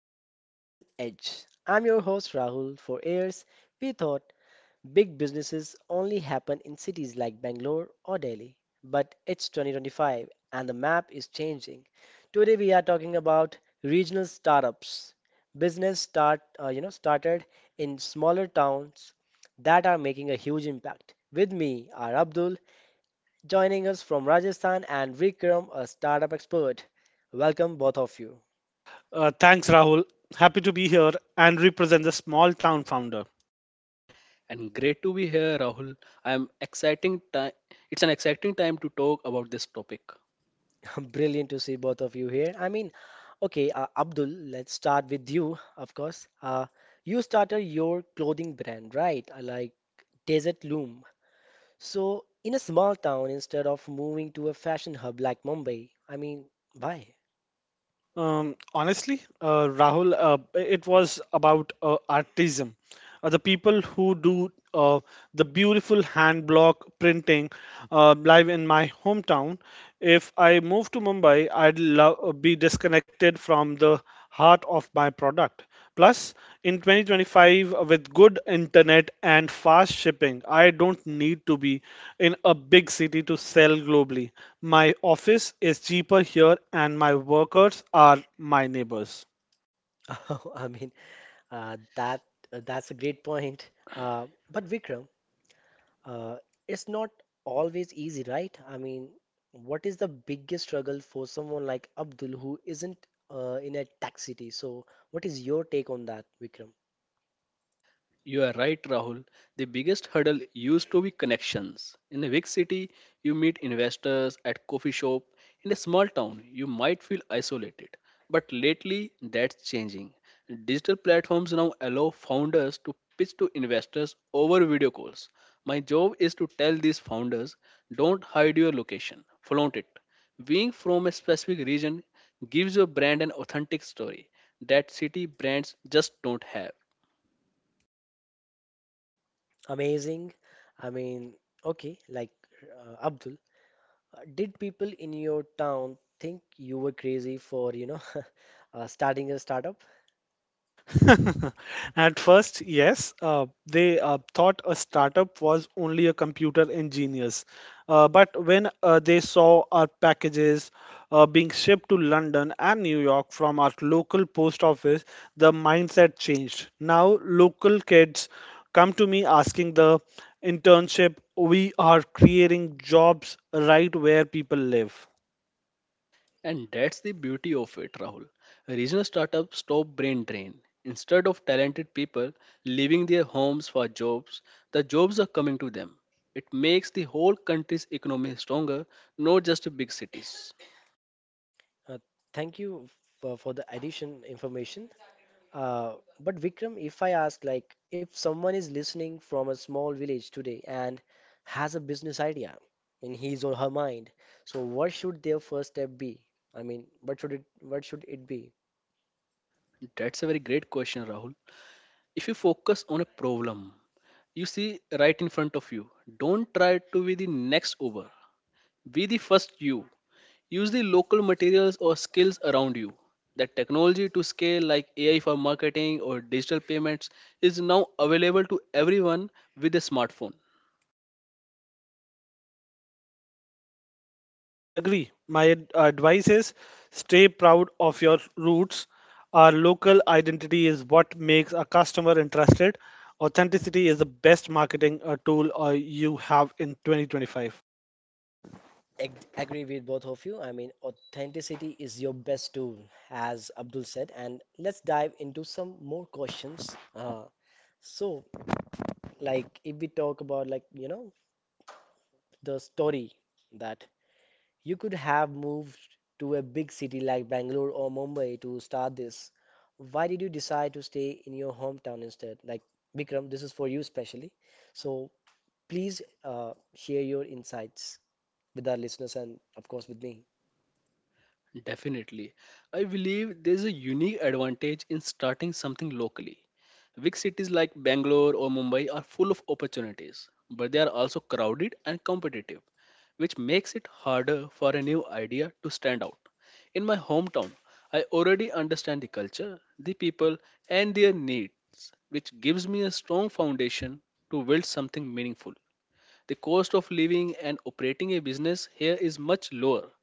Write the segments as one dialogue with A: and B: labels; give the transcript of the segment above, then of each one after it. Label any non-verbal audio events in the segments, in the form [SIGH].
A: to the Local Edge. I'm your host Rahul. For years, we thought big businesses only happen in cities like Bangalore or Delhi. But it's 2025 and the map is changing. Today we are talking about regional startups. Business started in smaller towns that are making a huge impact. With me are Abdul joining us from Rajasthan and Vikram, a startup expert. Welcome both of you.
B: Thanks, Rahul. Happy to be here and represent the small town founder.
C: And great to be here, Rahul. I am exciting time. It's an exciting time to talk about this topic.
A: [LAUGHS] Brilliant to see both of you here. I mean, okay, Abdul, let's start with you, of course. You started your clothing brand, right? Like Desert Loom. So, in a small town, instead of moving to a fashion hub like Mumbai, I mean, why?
B: Honestly, Rahul, it was about artism, the people who do uh, the beautiful hand block printing live in my hometown. If I move to Mumbai, I'd love be disconnected from the heart of my product. Plus, in 2025, with good internet and fast shipping, I don't need to be in a big city to sell globally. My office is cheaper here, and my workers are my neighbors.
A: [LAUGHS] I mean, uh, that that's a great point. But Vikram, Uh, it's not always easy, right? I mean, what is the biggest struggle for someone like Abdul who isn't in a tech city? So, what is your take on that, Vikram?
C: You are right, Rahul. The biggest hurdle used to be connections. In a big city, you meet investors at coffee shop. In a small town, you might feel isolated. But lately, that's changing. Digital platforms now allow founders to pitch to investors over video calls. My job is to tell these founders, don't hide your location, flaunt it. Being from a specific region gives your brand an authentic story that city brands just don't have.
A: Amazing. I mean, okay, Abdul, did people in your town think you were crazy for, [LAUGHS] starting a startup?
B: [LAUGHS] At first, yes, they thought a startup was only a computer engineers. But when they saw our packages being shipped to London and New York from our local post office, the mindset changed. Now, local kids come to me asking the internship. We are creating jobs right where people live.
C: And that's the beauty of it, Rahul. Regional startups stop brain drain. Instead of talented people leaving their homes for jobs, the jobs are coming to them. It makes the whole country's economy stronger, not just the big cities.
A: Uh, thank you for the addition information. Uh, but Vikram, if I ask, like, if someone is listening from a small village today and has a business idea in his or her mind, so what should their first step be? I mean, what should it be?
C: That's a very great question, Rahul. If you focus on a problem you see right in front of you, don't try to be the next Uber. Be the first you. Use the local materials or skills around you. That technology to scale, like AI for marketing or digital payments, is now available to everyone with a smartphone.
B: I agree. My advice is stay proud of your roots. Our local identity is what makes a customer interested. Authenticity is the best marketing tool you have in 2025.
A: Agree with both of you. I mean, authenticity is your best tool, as Abdul said. And let's dive into some more questions. So, like, if we talk about, like, you know, the story that you could have moved to a big city like Bangalore or Mumbai to start this. Why did you decide to stay in your hometown instead? Like, Vikram, this is for you specially. So please share your insights with our listeners and, of course, with me.
C: Definitely. I believe there's a unique advantage in starting something locally. Big cities like Bangalore or Mumbai are full of opportunities, but they are also crowded and competitive, which makes it harder for a new idea to stand out. In my hometown, I already understand the culture, the people, and their needs, which gives me a strong foundation to build something meaningful. The cost of living and operating a business here is much lower,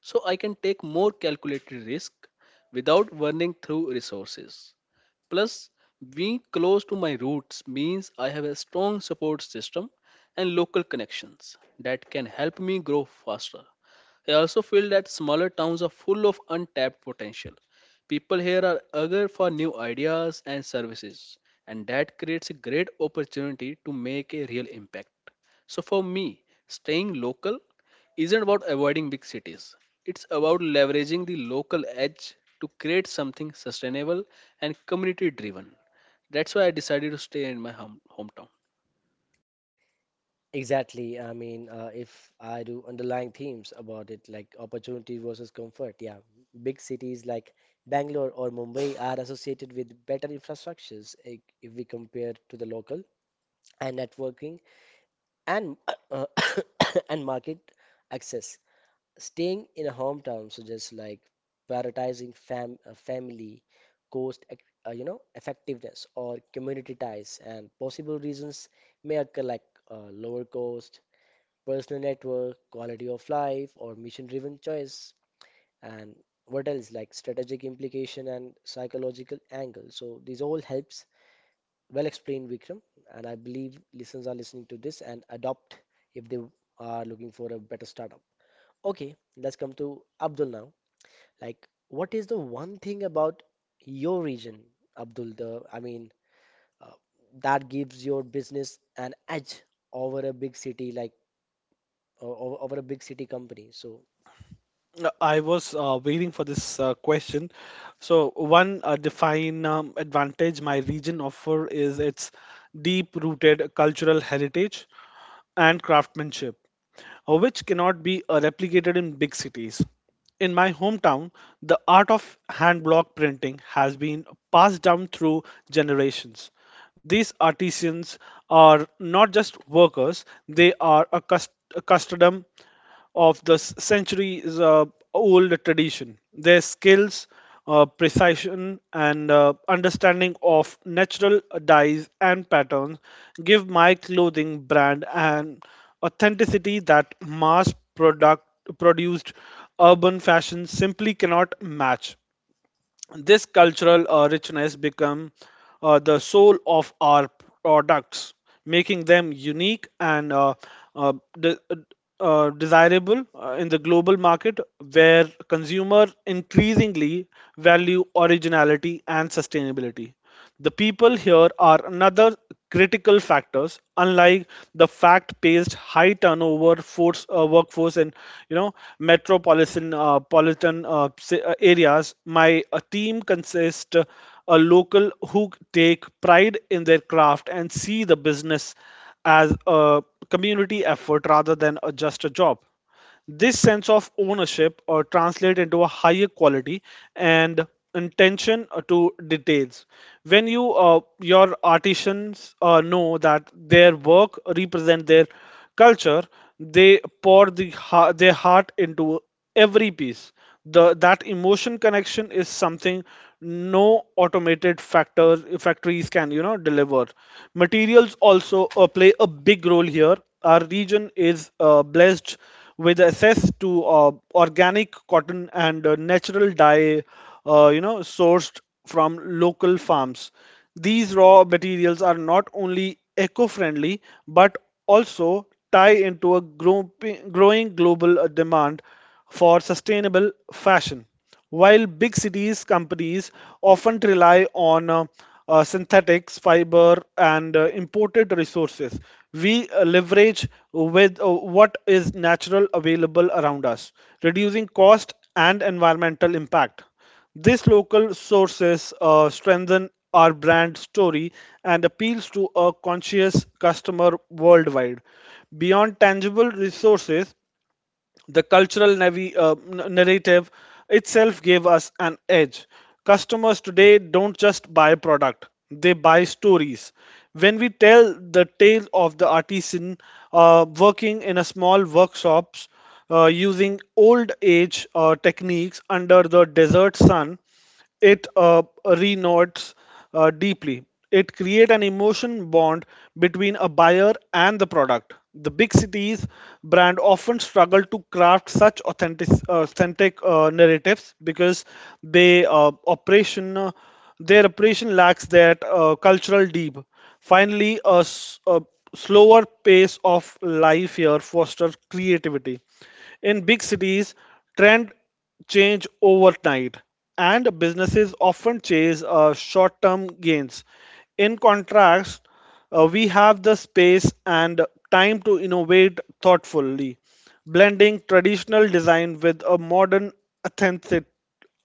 C: so I can take more calculated risk without burning through resources. Plus, being close to my roots means I have a strong support system and local connections that can help me grow faster. I also feel that smaller towns are full of untapped potential. People here are eager for new ideas and services, and that creates a great opportunity to make a real impact. So for me, staying local isn't about avoiding big cities. It's about leveraging the local edge to create something sustainable and community driven. That's why I decided to stay in my hometown.
A: Exactly. I mean, if I do underlying themes about it, like opportunity versus comfort, yeah. Big cities like Bangalore or Mumbai are associated with better infrastructures, if we compare to the local and networking and uh, [COUGHS] and market access. Staying in a hometown suggests like prioritizing family, cost, effectiveness or community ties, and possible reasons may occur like lower cost, personal network, quality of life, or mission-driven choice, and what else like strategic implication and psychological angle. So these all helps well explained, Vikram. And I believe listeners are listening to this and adopt if they are looking for a better startup. Okay, let's come to Abdul now. Like, what is the one thing about your region, Abdul? The I mean, uh, that gives your business an edge over a big city like over a big city company. So
B: I was waiting for this question. So, one define advantage my region offer is its deep rooted cultural heritage and craftsmanship, which cannot be replicated in big cities. In my hometown, the art of hand block printing has been passed down through generations. These artisans are not just workers, they are a custodian of the centuries old tradition. Their skills, precision, and understanding of natural dyes and patterns give my clothing brand an authenticity that mass product produced urban fashion simply cannot match. This cultural richness become the soul of our products, making them unique and uh, de- desirable in the global market where consumers increasingly value originality and sustainability. The people here are another critical factors. Unlike the fact-paced, high turnover force workforce in metropolitan areas, my team consists a local who take pride in their craft and see the business as a community effort rather than a, just a job. This sense of ownership translates into a higher quality and attention to details. When your artisans know that their work represent their culture, they pour their heart into every piece. The that emotion connection is something no automated factories can deliver. Materials also play a big role here. Our region is blessed with access to organic cotton and natural dye sourced from local farms. These raw materials are not only eco-friendly but also tie into a growing global demand for sustainable fashion. While big cities companies often rely on synthetics, fiber, and imported resources, we leverage with what is natural available around us, reducing cost and environmental impact. These local sources strengthen our brand story and appeals to a conscious customer worldwide. Beyond tangible resources, the cultural narrative itself gave us an edge. Customers today don't just buy product, they buy stories. When we tell the tale of the artisan working in a small workshops using old age techniques under the desert sun, it renotes deeply. It create an emotion bond between a buyer and the product. The big cities brand often struggle to craft such authentic narratives because they operation their operation lacks that cultural deep. Finally, a, s- a slower pace of life here fosters creativity. In big cities, trend change overnight, and businesses often chase short-term gains. In contrast, we have the space and time to innovate thoughtfully, blending traditional design with a modern authentic-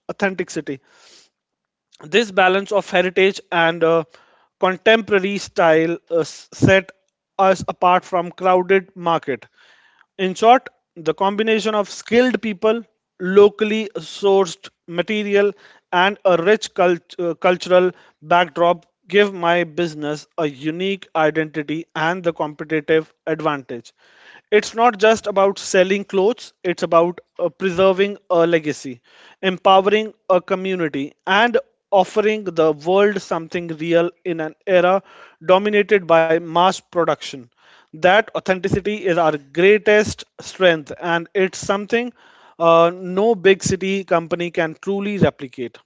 B: authenticity. This balance of heritage and contemporary style set us apart from crowded market. In short, the combination of skilled people, locally sourced material, and a rich cultural backdrop give my business a unique identity and the competitive advantage. It's not just about selling clothes, it's about preserving a legacy, empowering a community, and offering the world something real in an era dominated by mass production. That authenticity is our greatest strength, and it's something no big city company can truly replicate.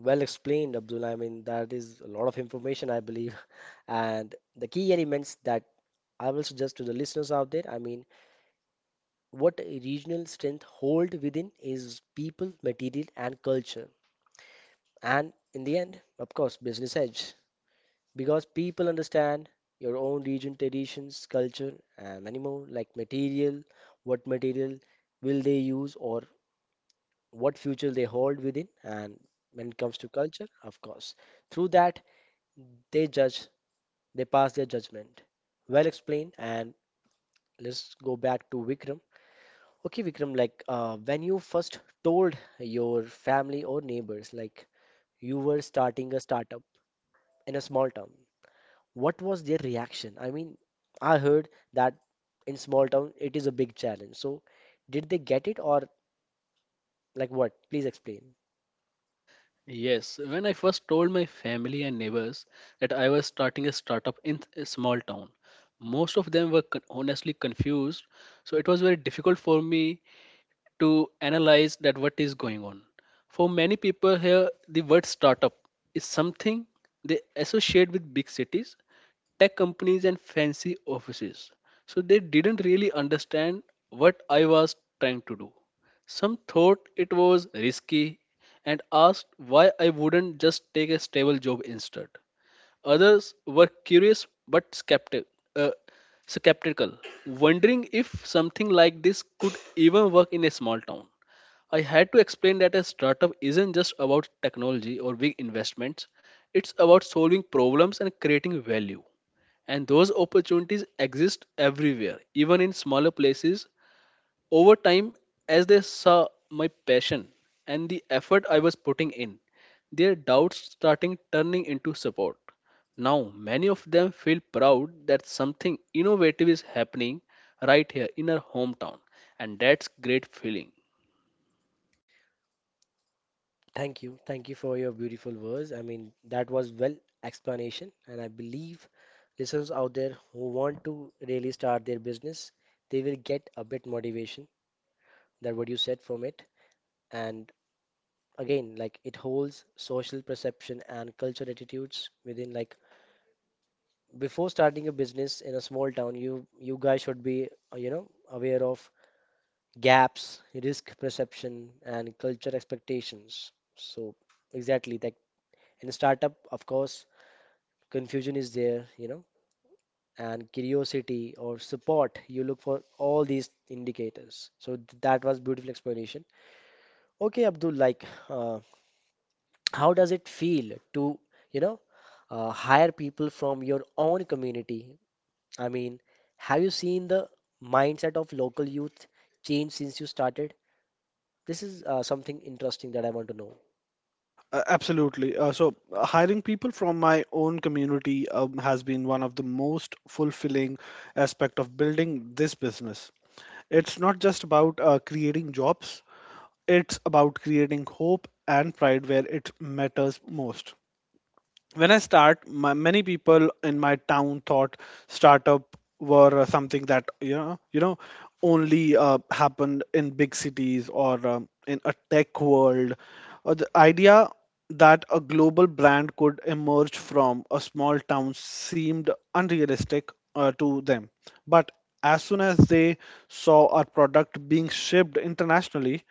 A: well explained, Abdul. I mean, that is a lot of information, I believe, [LAUGHS] and the key elements that I will suggest to the listeners out there. I mean what regional strength hold within is people, material, and culture. And in the end, of course, business edge. Because people understand your own region, traditions, culture, and many more, like material, what material will they use or what future they hold within. And when it comes to culture, of course, through that, they judge, they pass their judgment. Well explained. And let's go back to Vikram. Okay, Vikram, when you first told your family or neighbors, like you were starting a startup in a small town, what was their reaction? I mean, I heard that in small town it is a big challenge. So, did they get it or like what? Please explain.
C: Yes, when I first told my family and neighbors that I was starting a startup in a small town, most of them were honestly confused. So it was very difficult for me to analyze that what is going on. For many people here, the word startup is something they associate with big cities, tech companies, and fancy offices. So they didn't really understand what I was trying to do. Some thought it was risky and asked why I wouldn't just take a stable job instead. Others were curious but uh, skeptical, wondering if something like this could even work in a small town. I had to explain that a startup isn't just about technology or big investments, it's about solving problems and creating value. And those opportunities exist everywhere, even in smaller places over time, as they saw my passion and the effort I was putting in, their doubts starting turning into support. Now, many of them feel proud that something innovative is happening right here in our hometown, and that's great feeling.
A: Thank you. Thank you for your beautiful words. I mean, that was well explanation, and I believe listeners out there who want to really start their business, they will get a bit motivation that what you said from it. And again like it holds social perception and cultural attitudes within like before starting a business in a small town you guys should be aware of gaps risk perception and culture expectations so exactly like in a startup of course confusion is there you know and curiosity or support you look for all these indicators so that was beautiful explanation. Okay Abdul, how does it feel to, you know, hire people from your own community? I mean, have you seen the mindset of local youth change since you started? This is something interesting that I want to know.
B: Absolutely. So, hiring people from my own community has been one of the most fulfilling aspect of building this business. It's not just about creating jobs; it's about creating hope and pride where it matters most. When I start, many people in my town thought startup were something that only happened in big cities or in a tech world. Or the idea that a global brand could emerge from a small town seemed unrealistic to them. But as soon as they saw our product being shipped internationally,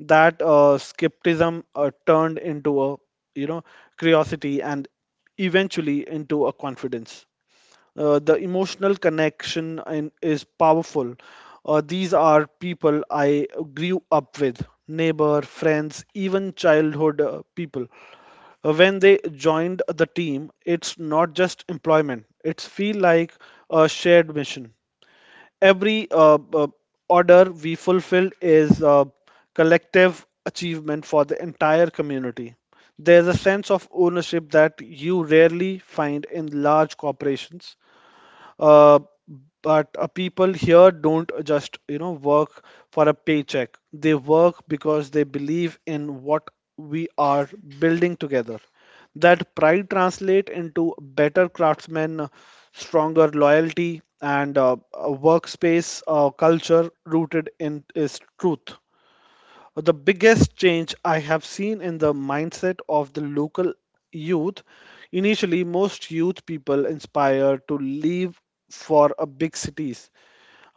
B: that skepticism turned into a you know curiosity and eventually into a confidence. The emotional connection is powerful. These are people I grew up with, neighbor, friends, even childhood people. When they joined the team, it's not just employment. It's feel like a shared mission. Every order we fulfill is a collective achievement for the entire community. There's a sense of ownership that you rarely find in large corporations. Uh, but People here don't just work for a paycheck. They work because they believe in what we are building together. That pride translate into better craftsmen, stronger loyalty, and a workspace culture rooted in is truth. The biggest change I have seen in the mindset of the local youth. Initially, most youth people inspired to leave for a big cities,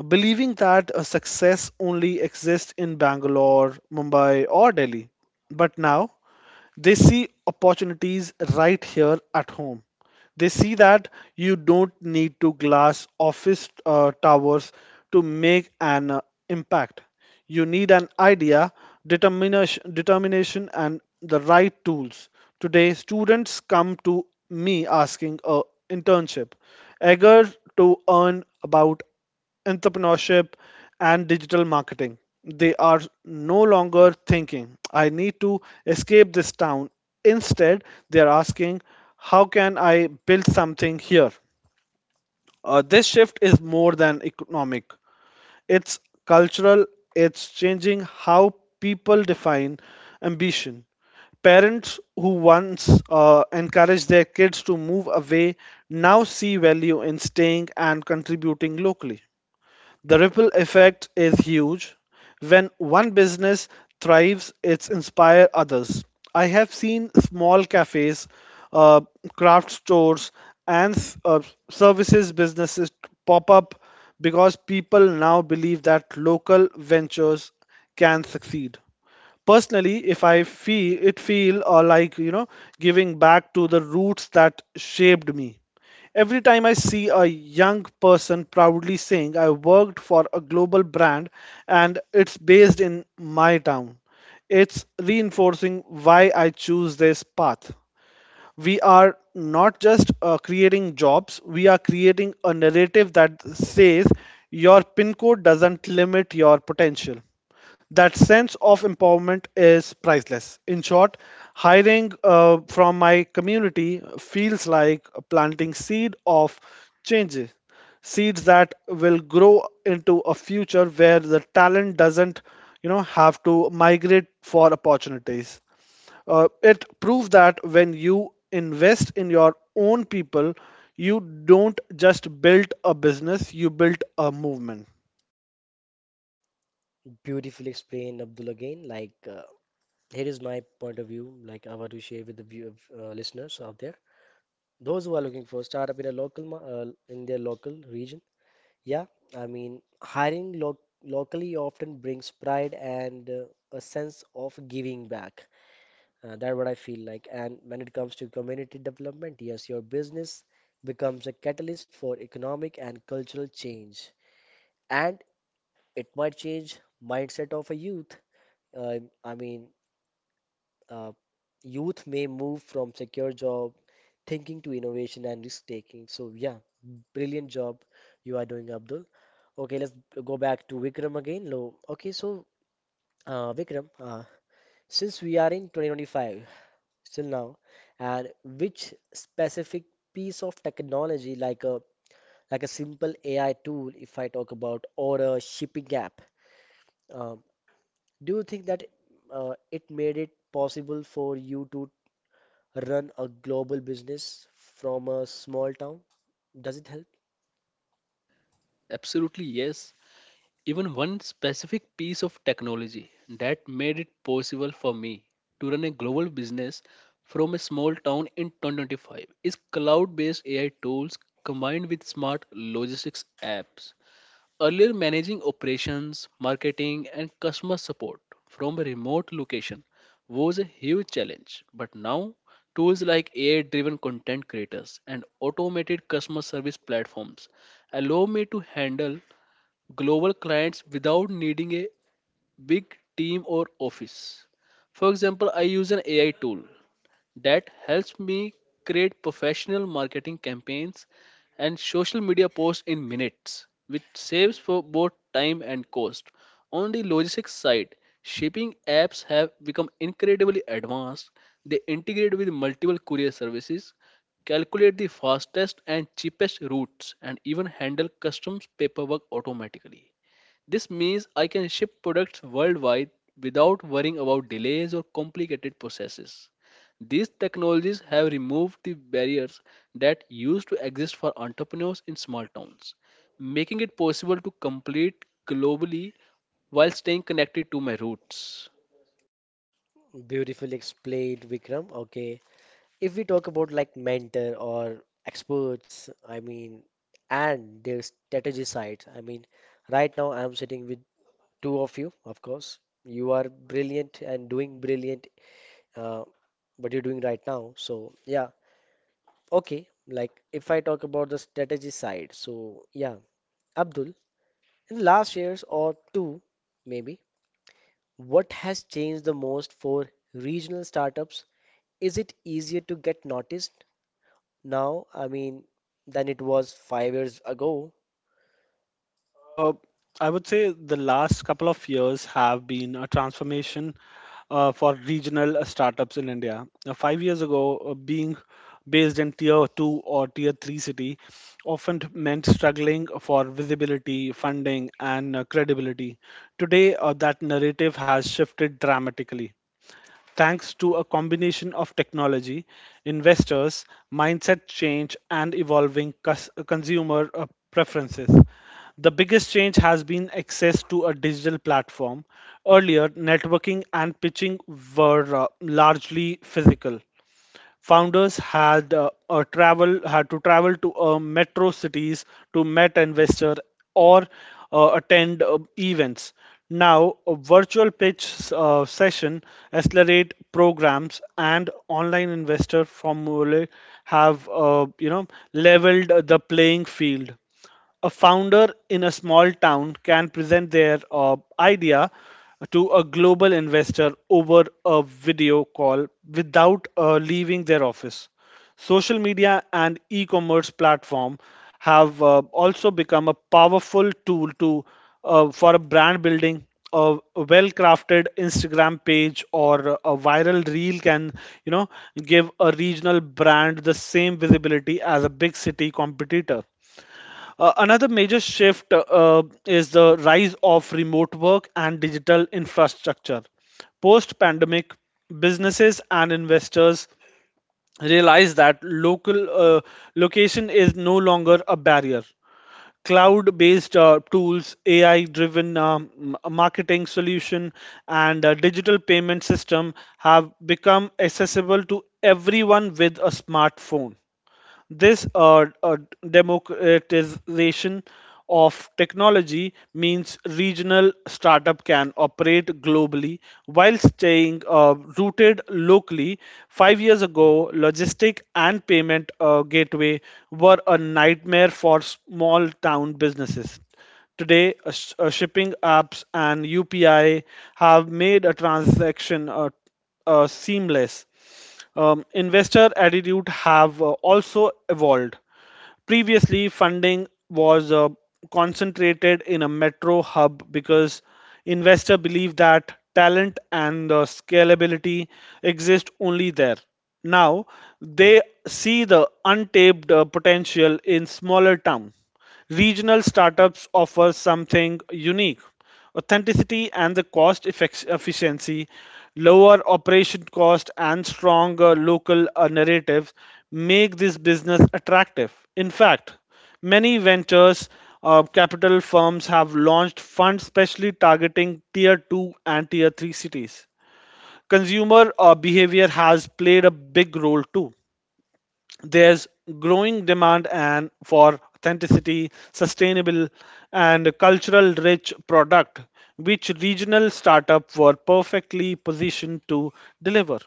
B: believing that a success only exists in Bangalore, Mumbai, or Delhi. But now, they see opportunities right here at home. They see that you don't need to glass office towers to make an impact. You need an idea, determination, and the right tools. Today, students come to me asking a internship, eager to earn about entrepreneurship, and digital marketing. They are no longer thinking, I need to escape this town. Instead, they are asking, how can I build something here? This shift is more than economic, it's cultural, it's changing how people define ambition. Parents who once encouraged their kids to move away now see value in staying and contributing locally. The ripple effect is huge. When one business thrives, it inspires others. I have seen small cafes, uh, craft stores, and services businesses pop up because people now believe that local ventures can succeed. Personally, if I feel it feel or, like, giving back to the roots that shaped me. Every time I see a young person proudly saying I worked for a global brand and it's based in my town, it's reinforcing why I choose this path. We are not just creating jobs, we are creating a narrative that says your PIN code doesn't limit your potential. That sense of empowerment is priceless. In short, hiring from my community feels like planting seed of changes, seeds that will grow into a future where the talent doesn't, have to migrate for opportunities. It proves that when you invest in your own people, you don't just build a business, you build a movement.
A: Beautifully explained, Abdul, again. Here is my point of view, like, I want to share with the view of, listeners out there. Those who are looking for startup in a in their local region. Yeah, I mean, hiring lo locally often brings pride and a sense of giving back. That's what I feel like. And when it comes to community development, yes, your business becomes a catalyst for economic and cultural change. And it might change mindset of a youth. Uh, I mean, uh, Youth may move from secure job thinking to innovation and risk taking. So yeah, brilliant job you are doing, Abdul. Okay, let's go back to Vikram again. No, okay, so Vikram, since we are in 2025 still now, and which specific piece of technology, like a simple AI tool, if I talk about, or a shipping app, um, do you think that it made it possible for you to run a global business from a small town? Does it help?
C: Absolutely yes. Even one specific piece of technology that made it possible for me to run a global business from a small town in 2025 is cloud based AI tools combined with smart logistics apps earlier managing operations, marketing, and customer support from a remote location was a huge challenge. But now, tools like AI driven content creators and automated customer service platforms allow me to handle global clients without needing a big team or office. For example, I use an AI tool that helps me create professional marketing campaigns and social media posts in minutes, which saves for both time and cost. On the logistics side, shipping apps have become incredibly advanced. They integrate with multiple courier services, calculate the fastest and cheapest routes, and even handle customs paperwork automatically. This means I can ship products worldwide without worrying about delays or complicated processes. These technologies have removed the barriers that used to exist for entrepreneurs in small towns, making it possible to compete globally while staying connected to my roots.
A: Beautifully explained, Vikram. Okay. If we talk about like mentor or experts, I mean, and their strategy side, I mean, right now I'm sitting with two of you, of course. You are brilliant and doing brilliant, uh, what you're doing right now. So, yeah, okay. Like, if I talk about the strategy side, so yeah, Abdul, in the last years or two, maybe, what has changed the most for regional startups? Is it easier to get noticed now, I mean, than it was 5 years ago?
B: Uh, I would say the last couple of years have been a transformation for regional startups in India. Now, 5 years ago, being based in tier two or tier three city often meant struggling for visibility, funding, and credibility. Today, that narrative has shifted dramatically. Thanks to a combination of technology, investors, mindset change, and evolving consumer preferences. The biggest change has been access to a digital platform. Earlier, networking and pitching were largely physical. Founders had to travel to metro cities to meet investor or attend events. Now, a virtual pitch session, accelerate programs, and online investor formulae have leveled the playing field. A founder in a small town can present their idea to a global investor over a video call without leaving their office. Social media and e commerce platform have also become a powerful tool for a brand building. A well crafted Instagram page or a viral reel can, you know, give a regional brand the same visibility as a big city competitor. Another major shift is the rise of remote work and digital infrastructure. Post pandemic, businesses and investors realize that local uh, location is no longer a barrier. Cloud based tools, AI driven marketing solution, and digital payment system have become accessible to everyone with a smartphone. This democratization of technology means regional startup can operate globally while staying rooted locally. 5 years ago, logistic and payment gateway were a nightmare for small town businesses. Today, shipping apps and UPI have made a transaction seamless. Investor attitude have also evolved. Previously, funding was concentrated in a metro hub because investor believed that talent and scalability exist only there. Now they see the untapped potential in smaller town. Regional startups offer something unique, authenticity and the cost efficiency, lower operation cost, and stronger local narratives make this business attractive. In fact, many ventures capital firms have launched funds specially targeting tier 2 and tier 3 cities. Consumer behavior has played a big role too. There's growing demand and for authenticity, sustainable and cultural rich product, which regional startup were perfectly positioned to deliver,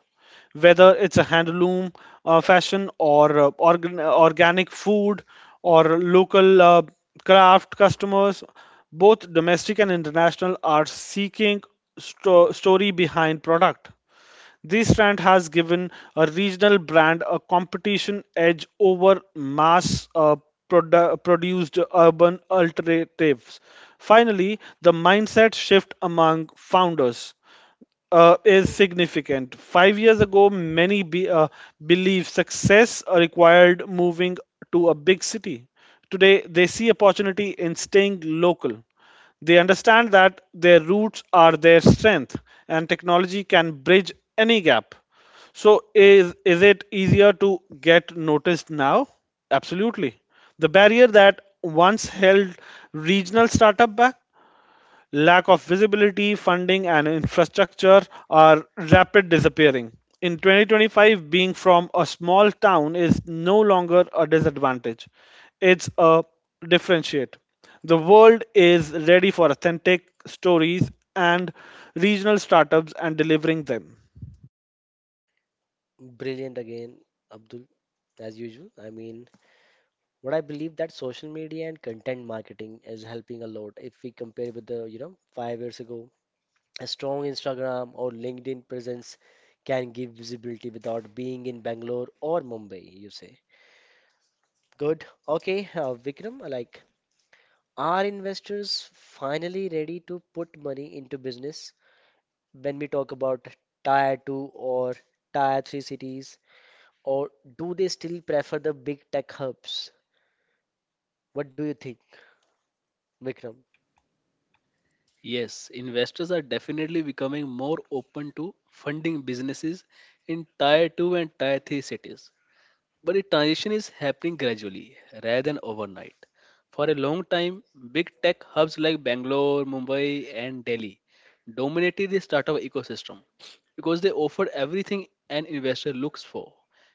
B: whether it's a handloom fashion or organic food or local craft. Customers both domestic and international are seeking story behind product. This trend has given a regional brand a competition edge over mass produced urban alternatives. Finally, the mindset shift among founders is significant. 5 years ago, many believed success required moving to a big city. Today, they see opportunity in staying local. They understand that their roots are their strength, and technology can bridge any gap. So, is it easier to get noticed now? Absolutely. The barrier that once held regional startup back, lack of visibility, funding, and infrastructure, are rapid disappearing. In 2025, being from a small town is no longer a disadvantage. It's a differentiate. The world is ready for authentic stories and regional startups and delivering them.
A: Brilliant again, Abdul, as usual. I mean, what I believe that social media and content marketing is helping a lot if we compare with the, you know, 5 years ago. A strong Instagram or LinkedIn presence can give visibility without being in Bangalore or Mumbai, you say. Good. Okay, Vikram, like are investors finally ready to put money into business when we talk about tier 2 or tier 3 cities? Or do they still prefer the big tech hubs? What do you think, Vikram?
C: Yes, investors are definitely becoming more open to funding businesses in tier 2 and tier 3 cities, but the transition is happening gradually rather than overnight. For a long time, big tech hubs like Bangalore, Mumbai, and Delhi dominated the startup ecosystem because they offered everything an investor looks for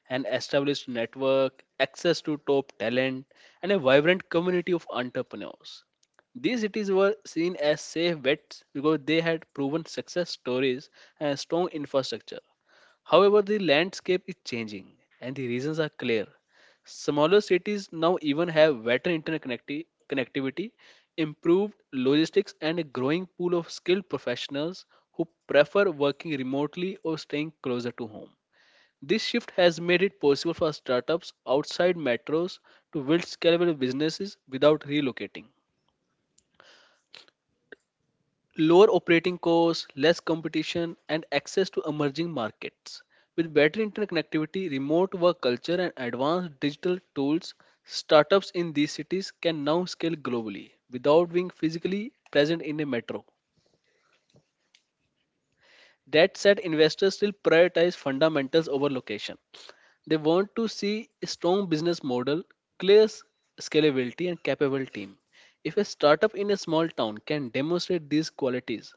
C: an established network, access to top talent, and a vibrant community of entrepreneurs. These cities were seen as safe bets because they had proven success stories and strong infrastructure. However, the landscape is changing and the reasons are clear. Smaller cities now even have better connectivity, improved logistics, and a growing pool of skilled professionals who prefer working remotely or staying closer to home. This shift has made it possible for startups outside metros to build scalable businesses without relocating. Lower operating costs, less competition, and access to emerging markets. With better internet connectivity, remote work culture, and advanced digital tools, startups in these cities can now scale globally without being physically present in a metro. That said, investors still prioritize fundamentals over location. They want to see a strong business model, clear s- scalability, and capable team. If a startup in a small town can demonstrate these qualities,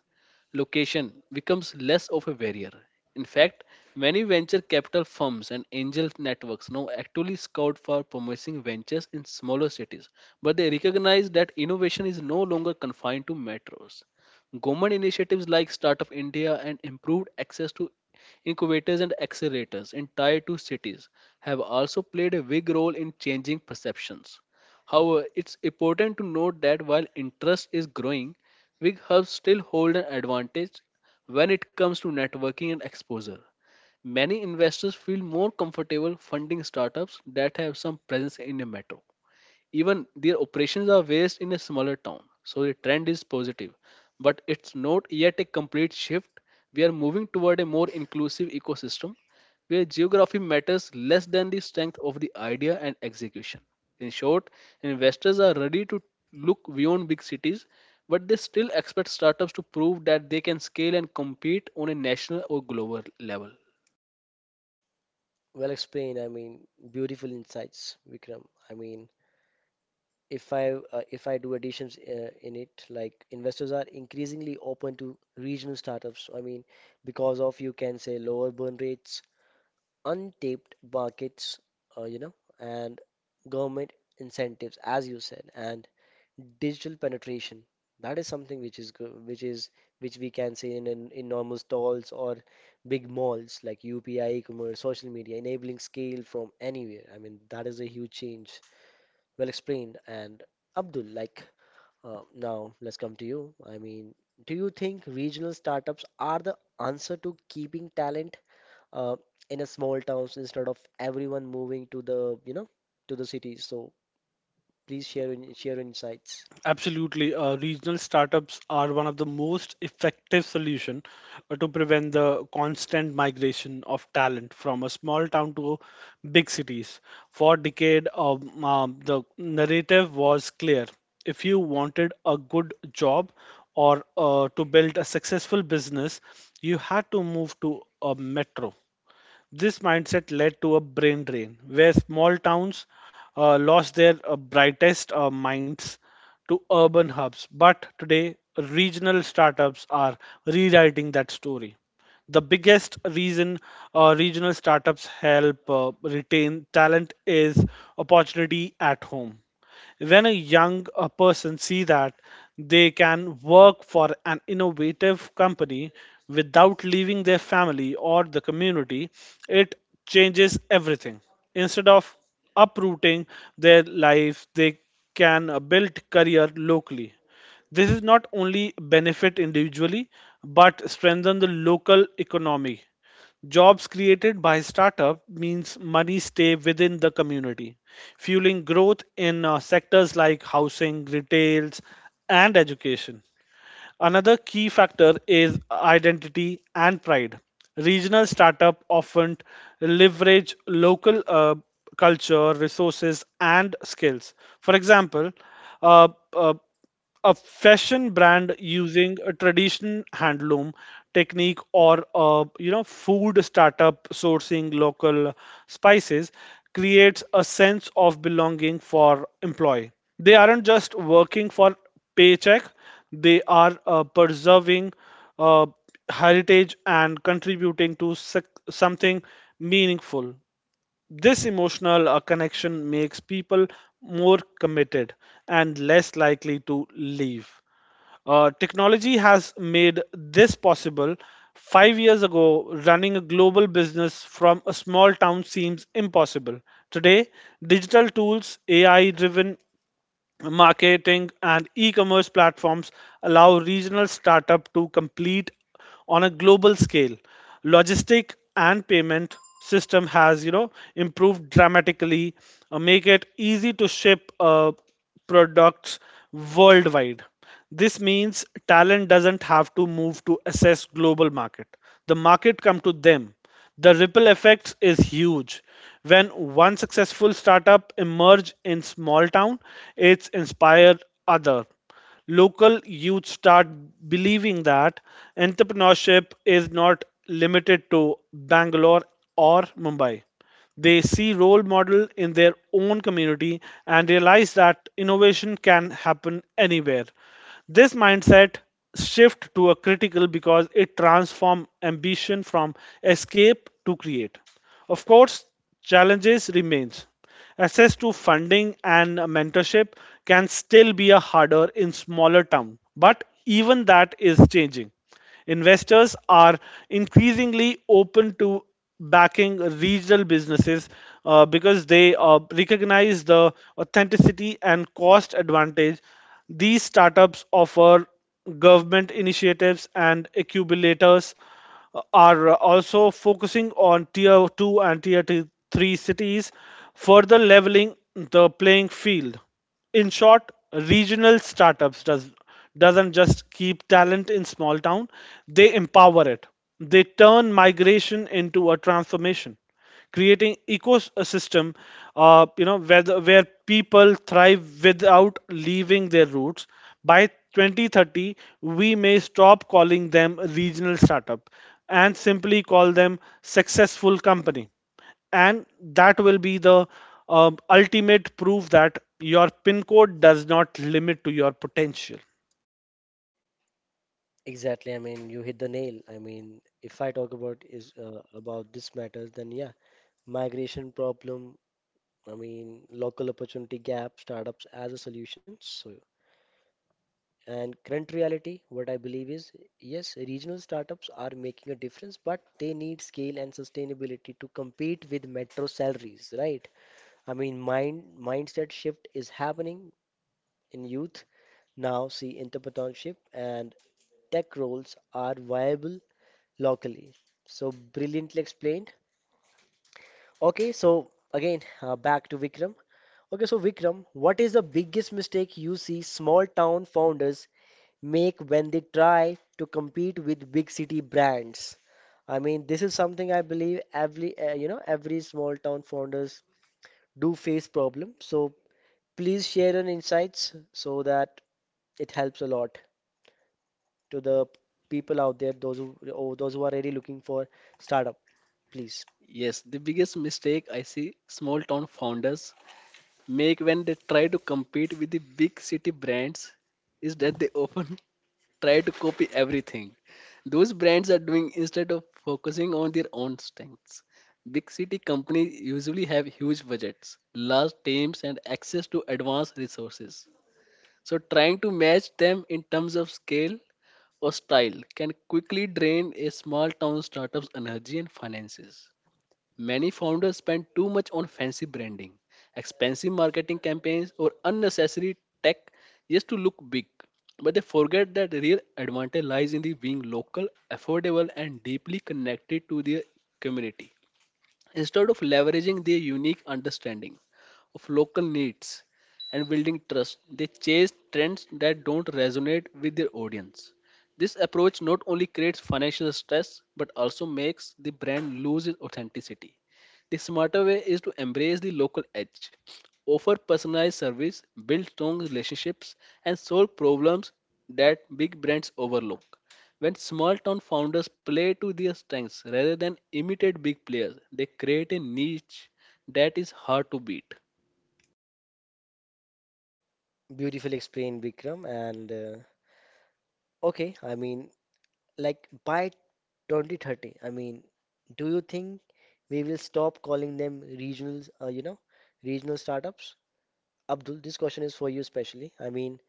C: location becomes less of a barrier. In fact, many venture capital firms and angel networks now actively scout for promising ventures in smaller cities, but they recognize that innovation is no longer confined to metros. Government initiatives like Startup India and improved access to incubators and accelerators in tier 2 cities have also played a big role in changing perceptions. However, it's important to note that while interest is growing, big hubs still hold an advantage when it comes to networking and exposure. Many investors feel more comfortable funding startups that have some presence in a metro even their operations are based in a smaller town, so the trend is positive. But it's not yet a complete shift. We are moving toward a more inclusive ecosystem where geography matters less than the strength of the idea and execution. In short, investors are ready to look beyond big cities, but they still expect startups to prove that they can scale and compete on a national or global level.
A: Well explained, I mean, beautiful insights, Vikram. I mean, if I do additions in it, like investors are increasingly open to regional startups. I mean, because of you can say lower burn rates, untapped markets, uh, you know, and government incentives, as you said, and digital penetration. That is something which is which we can say in enormous stalls or big malls like UPI, e-commerce, social media, enabling scale from anywhere. I mean, that is a huge change. Well explained. And Abdul, now, let's come to you. I mean, do you think regional startups are the answer to keeping talent uh, in a small towns instead of everyone moving to the, you know, to the cities. So please share insights.
B: Absolutely. Regional startups are one of the most effective solution to prevent the constant migration of talent from a small town to big cities. For decade, the narrative was clear. If you wanted a good job or to build a successful business, you had to move to a metro. This mindset led to a brain drain where small towns lost their brightest minds to urban hubs. But today, regional startups are rewriting that story. The biggest reason regional startups help retain talent is opportunity at home. When a young person see that they can work for an innovative company without leaving their family or the community, it changes everything. Instead of uprooting their life, they can build career locally. This is not only benefit individually, but strengthen the local economy. Jobs created by startup means money stay within the community, fueling growth in sectors like housing, retails, and education. Another key factor is identity and pride. Regional startup often leverage local culture, resources, and skills. For example, uh, uh, a fashion brand using a tradition handloom technique or a you know food startup sourcing local spices creates a sense of belonging for employee. They aren't just working for paycheck, they are preserving uh, heritage and contributing to something meaningful. This emotional connection makes people more committed and less likely to leave. Technology has made this possible. 5 years ago, running a global business from a small town seems impossible. Today, digital tools, AI driven marketing and e-commerce platforms allow regional startup to compete on a global scale. Logistic and payment system has you know improved dramatically, make it easy to ship products worldwide. This means talent doesn't have to move to assess global market. The market come to them. The ripple effect is huge. When one successful startup emerge in small town, it's inspired other. Local youth start believing that entrepreneurship is not limited to Bangalore or Mumbai. They see role model in their own community and realize that innovation can happen anywhere. This mindset shift to a critical because it transforms ambition from escape to create. Of course, challenges remains. Access to funding and mentorship can still be a harder in smaller town, but even that is changing. Investors are increasingly open to backing regional businesses because they recognize the authenticity and cost advantage these startups offer. Government initiatives and accumulators are also focusing on tier 2 and tier 3 cities, further leveling the playing field. In short, regional startups doesn't just keep talent in small town, they empower it. They turn migration into a transformation, creating ecosystem you know where, where people thrive without leaving their roots. By 2030 we may stop calling them regional startup and simply call them successful company, and that will be the ultimate proof that your pin code does not limit to your potential.
A: Exactly. I mean, you hit the nail. I mean, if I talk about is about this matters, then yeah, migration problem. I mean, local opportunity gap, startups as a solution. So, and current reality, what I believe is, yes, regional startups are making a difference, but they need scale and sustainability to compete with metro salaries, right? I mean, mindset shift is happening in youth now. See, entrepreneurship and tech roles are viable locally. So brilliantly explained. Okay, so again, back to Vikram. Okay, so Vikram, what is the biggest mistake you see small town founders make when they try to compete with big city brands? I mean, this is something I believe every every small town founders do face problem. So please share your insights so that it helps a lot to the people out there, those who are really looking for startup. Please,
C: Yes, the biggest mistake I see small town founders make when they try to compete with the big city brands is that they often [LAUGHS] try to copy everything those brands are doing instead of focusing on their own strengths. Big city companies usually have huge budgets, large teams, and access to advanced resources. So, trying to match them in terms of scale or style can quickly drain a small town startup's energy and finances. Many founders spend too much on fancy branding, expensive marketing campaigns, or unnecessary tech just to look big. But they forget that the real advantage lies in the being local, affordable, and deeply connected to their community. Instead of leveraging their unique understanding of local needs and building trust, they chase trends that don't resonate with their audience. This approach not only creates financial stress but also makes the brand lose its authenticity the smarter way is to embrace the local edge, offer personalized service, build strong relationships, and solve problems that big brands overlook. When small town founders play to their strengths rather than imitate big players, they create a niche that is hard to beat.
A: beautifully explained, Vikram. And okay, I mean, like by 2030, I mean, do you think we will stop calling them regional startups? Abdul, this question is for you especially. I mean,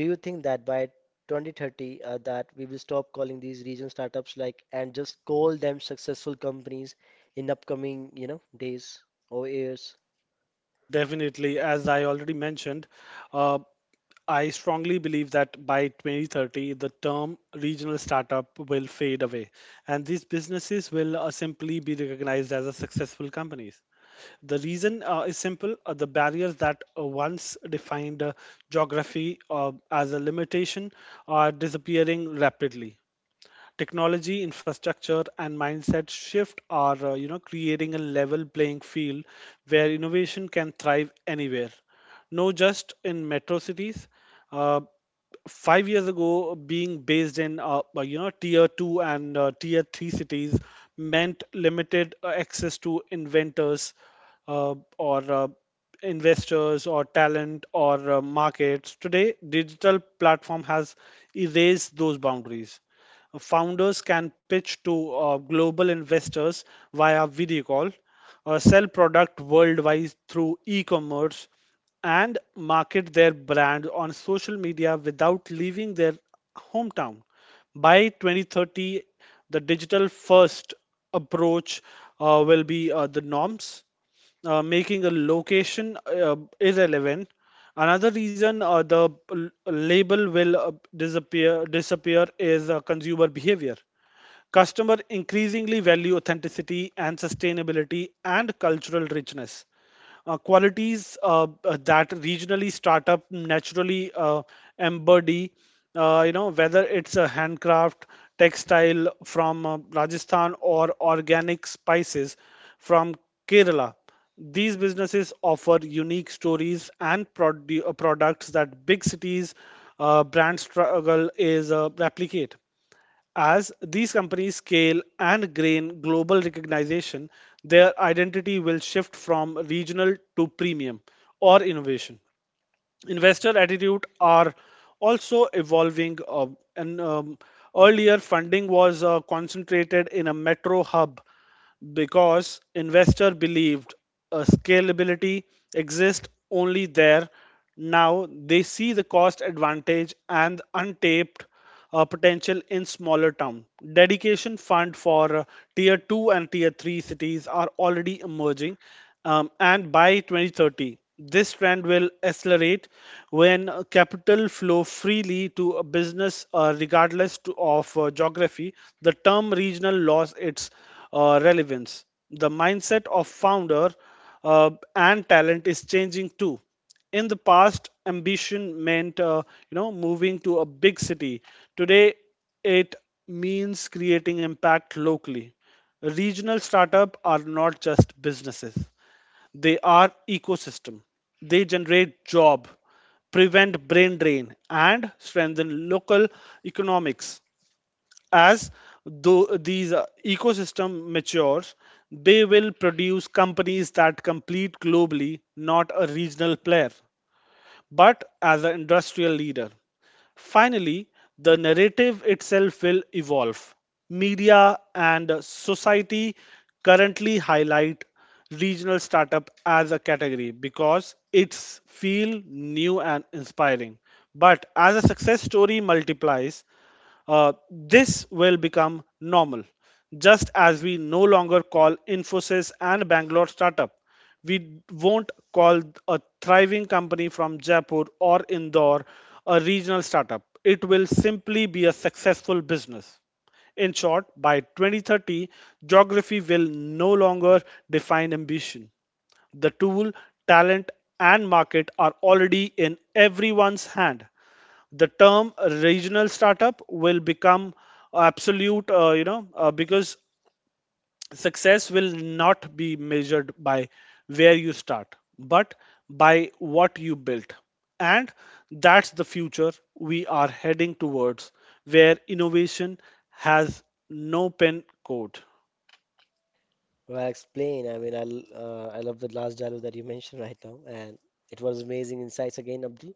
A: do you think that by 2030 that we will stop calling these region startups like and just call them successful companies in upcoming, you know, days or years?
B: Definitely, as I already mentioned, uh, I strongly believe that by 2030 the term regional startup will fade away and these businesses will simply be recognized as a successful companies. The reason is simple. The barriers that once defined geography as a limitation are disappearing rapidly. Technology infrastructure and mindset shift are you know creating a level playing field where innovation can thrive anywhere, no just in metro cities. uh, 5 years ago, being based in you know tier 2 and tier 3 cities meant limited access to inventors or investors or talent or markets. Today, digital platform has erased those boundaries. Founders can pitch to global investors via video call, sell product worldwide through e-commerce, and market their brand on social media without leaving their hometown. By 2030, the digital first approach will be the norms, making a location irrelevant. Another reason the label will disappear is consumer behavior. Customer increasingly value authenticity and sustainability and cultural richness, qualities that regionally startup naturally embody, you know, whether it's a handcraft textile from Rajasthan or organic spices from Kerala. These businesses offer unique stories and products that big cities brands struggle is replicate. As these companies scale and gain global recognition, their identity will shift from regional to premium or innovation. Investor attitude are also evolving. And Earlier, funding was concentrated in a metro hub because investor believed a scalability exists only there. Now they see the cost advantage and untapped potential in smaller town. Dedication fund for tier 2 and tier 3 cities are already emerging, and by 2030 this trend will accelerate. When capital flow freely to a business regardless of geography, the term regional lost its relevance. The mindset of founder uh, and talent is changing too. In the past, ambition meant you know moving to a big city. Today, it means creating impact locally. Regional startup are not just businesses, they are ecosystem. They generate job, prevent brain drain and strengthen local economics. As though these ecosystem matures, they will produce companies that compete globally, not a regional player but as an industrial leader. Finally, the narrative itself will evolve. Media and society currently highlight regional startup as a category because it's feel new and inspiring. But as a success story multiplies, this will become normal. Just as we no longer call Infosys and Bangalore startup, we won't call a thriving company from Jaipur or Indore a regional startup. It will simply be a successful business. In short, by 2030, geography will no longer define ambition. The tool, talent, and market are already in everyone's hand. The term regional startup will become absolute, because success will not be measured by where you start, but by what you built. And that's the future we are heading towards, where innovation has no pin code.
A: Well, I explain. I mean, I love the last dialogue that you mentioned right now, and it was amazing insights again, Abdul.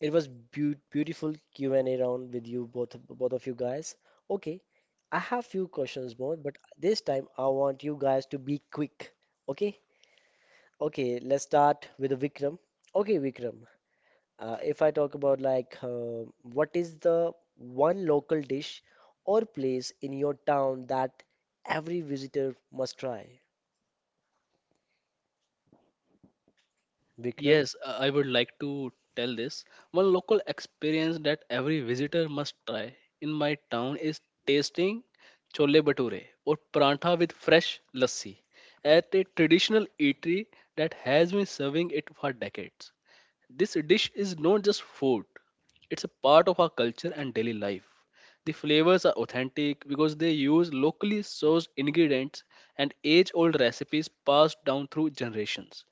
A: It was beautiful Q and A round with you both of you guys. Okay, I have few questions more, but this time I want you guys to be quick. Okay, okay, let's start with Vikram. Okay, Vikram, if I talk about what is the one local dish or place in your town that every visitor must try? Vikram,
C: Yes, I would like to tell this. One local experience that every visitor must try in my town is tasting chole bhature or parantha with fresh lassi at a traditional eatery that has been serving it for decades. This dish is not just food, it's a part of our culture and daily life. The flavors are authentic because they use locally sourced ingredients and age old recipes passed down through generations.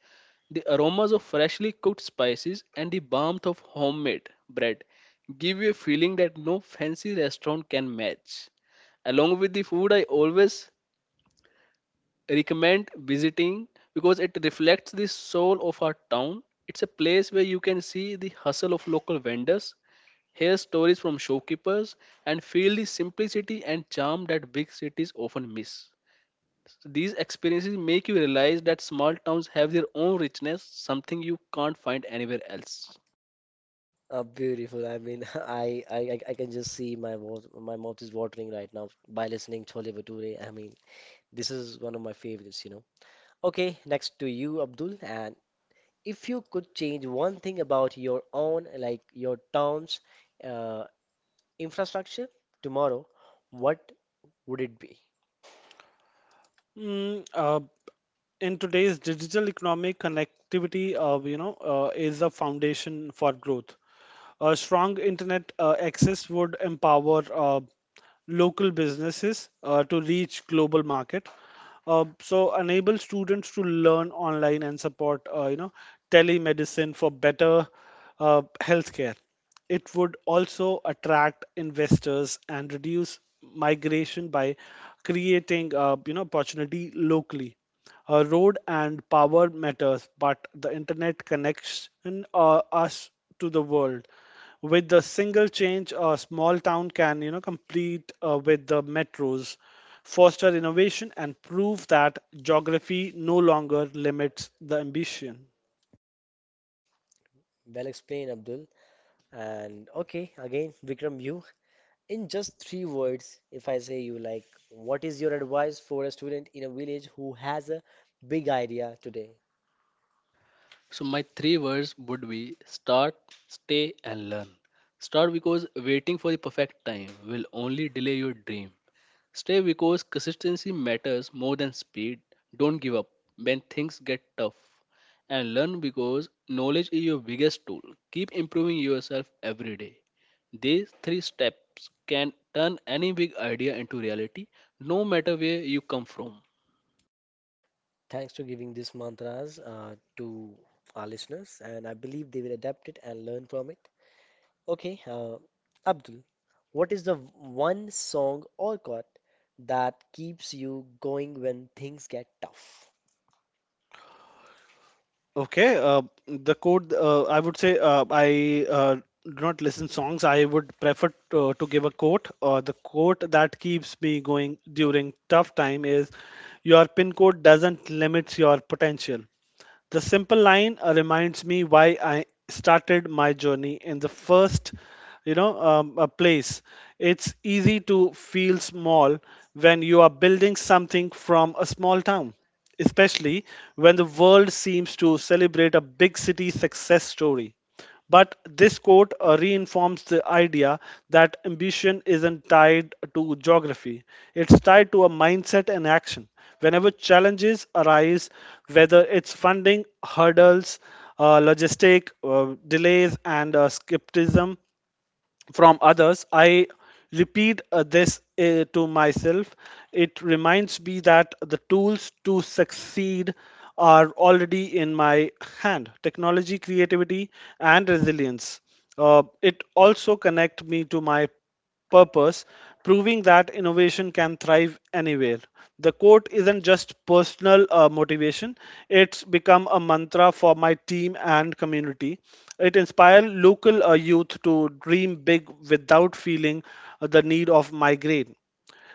C: The aromas of freshly cooked spices and the warmth of homemade bread give you a feeling that no fancy restaurant can match. Along with the food, I always recommend visiting because it reflects the soul of our town. It's a place where you can see the hustle of local vendors, hear stories from shopkeepers, and feel the simplicity and charm that big cities often miss. These experiences make you realize that small towns have their own richness, something you can't find anywhere else.
A: beautiful. I mean, [LAUGHS] I can just see my mouth is watering right now by listening Chole Bhature. I mean, this is one of my favorites, you know. Okay, next to you, Abdul. And if you could change one thing about your own, like your town's uh, infrastructure tomorrow, what would it be?
B: Mm, uh, in today's digital economy, connectivity, is the foundation for growth. A strong internet access would empower local businesses to reach global market. So enable students to learn online and support, you know, telemedicine for better healthcare. It would also attract investors and reduce migration by creating, you know, opportunity locally. Road and power matters, but the internet connects us to the world. With the single change, a small town can, you know, compete with the metros, foster innovation, and prove that geography no longer limits the ambition.
A: Well explained, Abdul. And okay, again, Vikram, you in just three words, if I say you like, what is your advice for a student in a village who has a big idea today?
C: So my three words would be start, stay and learn. Start because waiting for the perfect time will only delay your dream. Stay because consistency matters more than speed. Don't give up when things get tough. And learn because knowledge is your biggest tool. Keep improving yourself every day. These three steps can turn any big idea into reality, no matter where you come from.
A: Thanks for giving these mantras to our listeners, and I believe they will adapt it and learn from it. Okay, Abdul, what is the one song or chord that keeps you going when things get tough?
B: Okay, the code I would say, I do not listen songs. I would prefer to give a quote. The quote that keeps me going during tough time is, "Your pin code doesn't limit your potential." The simple line reminds me why I started my journey in the first, place. It's easy to feel small when you are building something from a small town, especially when the world seems to celebrate a big city success story. But this quote reinforms the idea that ambition isn't tied to geography, it's tied to a mindset and action. Whenever challenges arise, whether it's funding, hurdles, logistic delays, and skepticism from others, I repeat this to myself. It reminds me that the tools to succeed are already in my hand: technology, creativity, and resilience. It also connect me to my purpose, proving that innovation can thrive anywhere. The quote isn't just personal motivation, it's become a mantra for my team and community. It inspires local youth to dream big without feeling the need of migraine.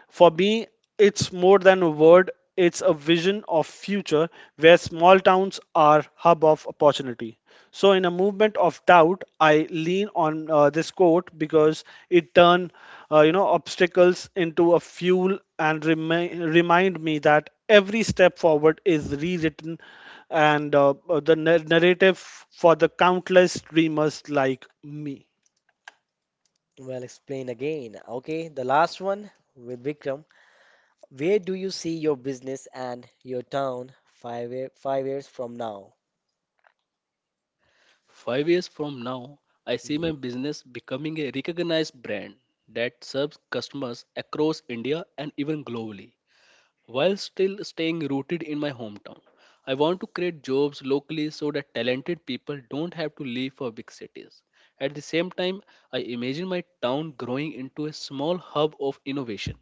B: For me, it's more than a word, it's a vision of future where small towns are hub of opportunity. So in a movement of doubt, I lean on this quote because it turn you know obstacles into a fuel and remind me that every step forward is rewritten and the narrative for the countless dreamers like me.
A: Well, explained again. Okay, the last one with Vikram. Where do you see your business and your town 5 years from now?
C: 5 years from now, I see
A: Mm.
C: my business becoming a recognized brand that serves customers across India and even globally. While still staying rooted in my hometown, I want to create jobs locally so that talented people don't have to leave for big cities. At the same time, I imagine my town growing into a small hub of innovation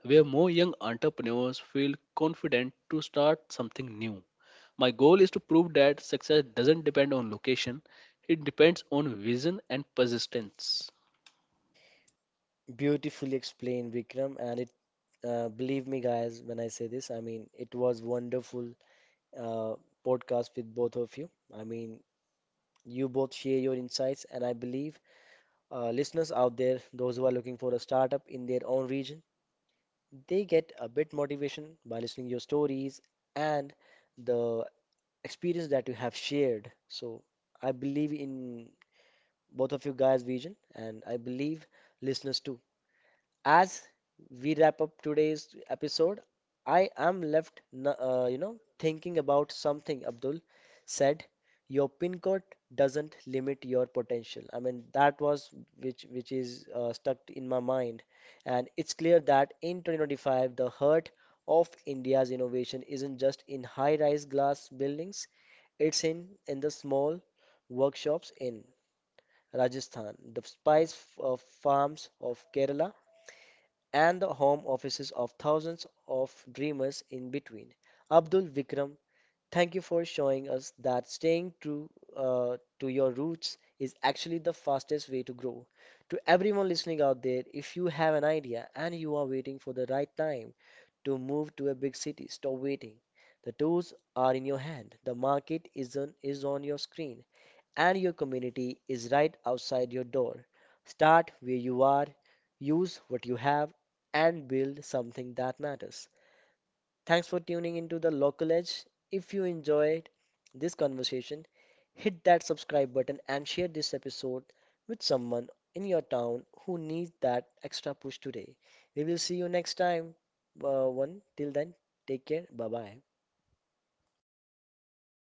C: where more young entrepreneurs feel confident to start something new. My goal is to prove that success doesn't depend on location, it depends on vision and persistence.
A: Beautifully explained, Vikram. And believe me, guys, when I say this, I mean it was wonderful uh, podcast with both of you. I mean, you both share your insights, and I believe listeners out there, those who are looking for a startup in their own region, they get a bit motivation by listening your stories and the experience that you have shared. So I believe in both of you guys, Vision, and I believe listeners too. As we wrap up today's episode, I am left, thinking about something Abdul said. Your pin code doesn't limit your potential. I mean, that was which is stuck in my mind, and it's clear that in 2025, the heart of India's innovation isn't just in high-rise glass buildings; it's in the small workshops in Rajasthan, the farms of Kerala, and the home offices of thousands of dreamers in between. Abdul Vikram, thank you for showing us that staying true to your roots is actually the fastest way to grow. To everyone listening out there, if you have an idea and you are waiting for the right time to move to a big city, stop waiting. The tools are in your hand. The market is on your screen and your community is right outside your door. Start where you are, use what you have, and build something that matters. Thanks for tuning into the Local Edge. If you enjoyed this conversation, hit that subscribe button and share this episode with someone in your town who needs that extra push today. We will see you next time. One till then, take care. Bye bye.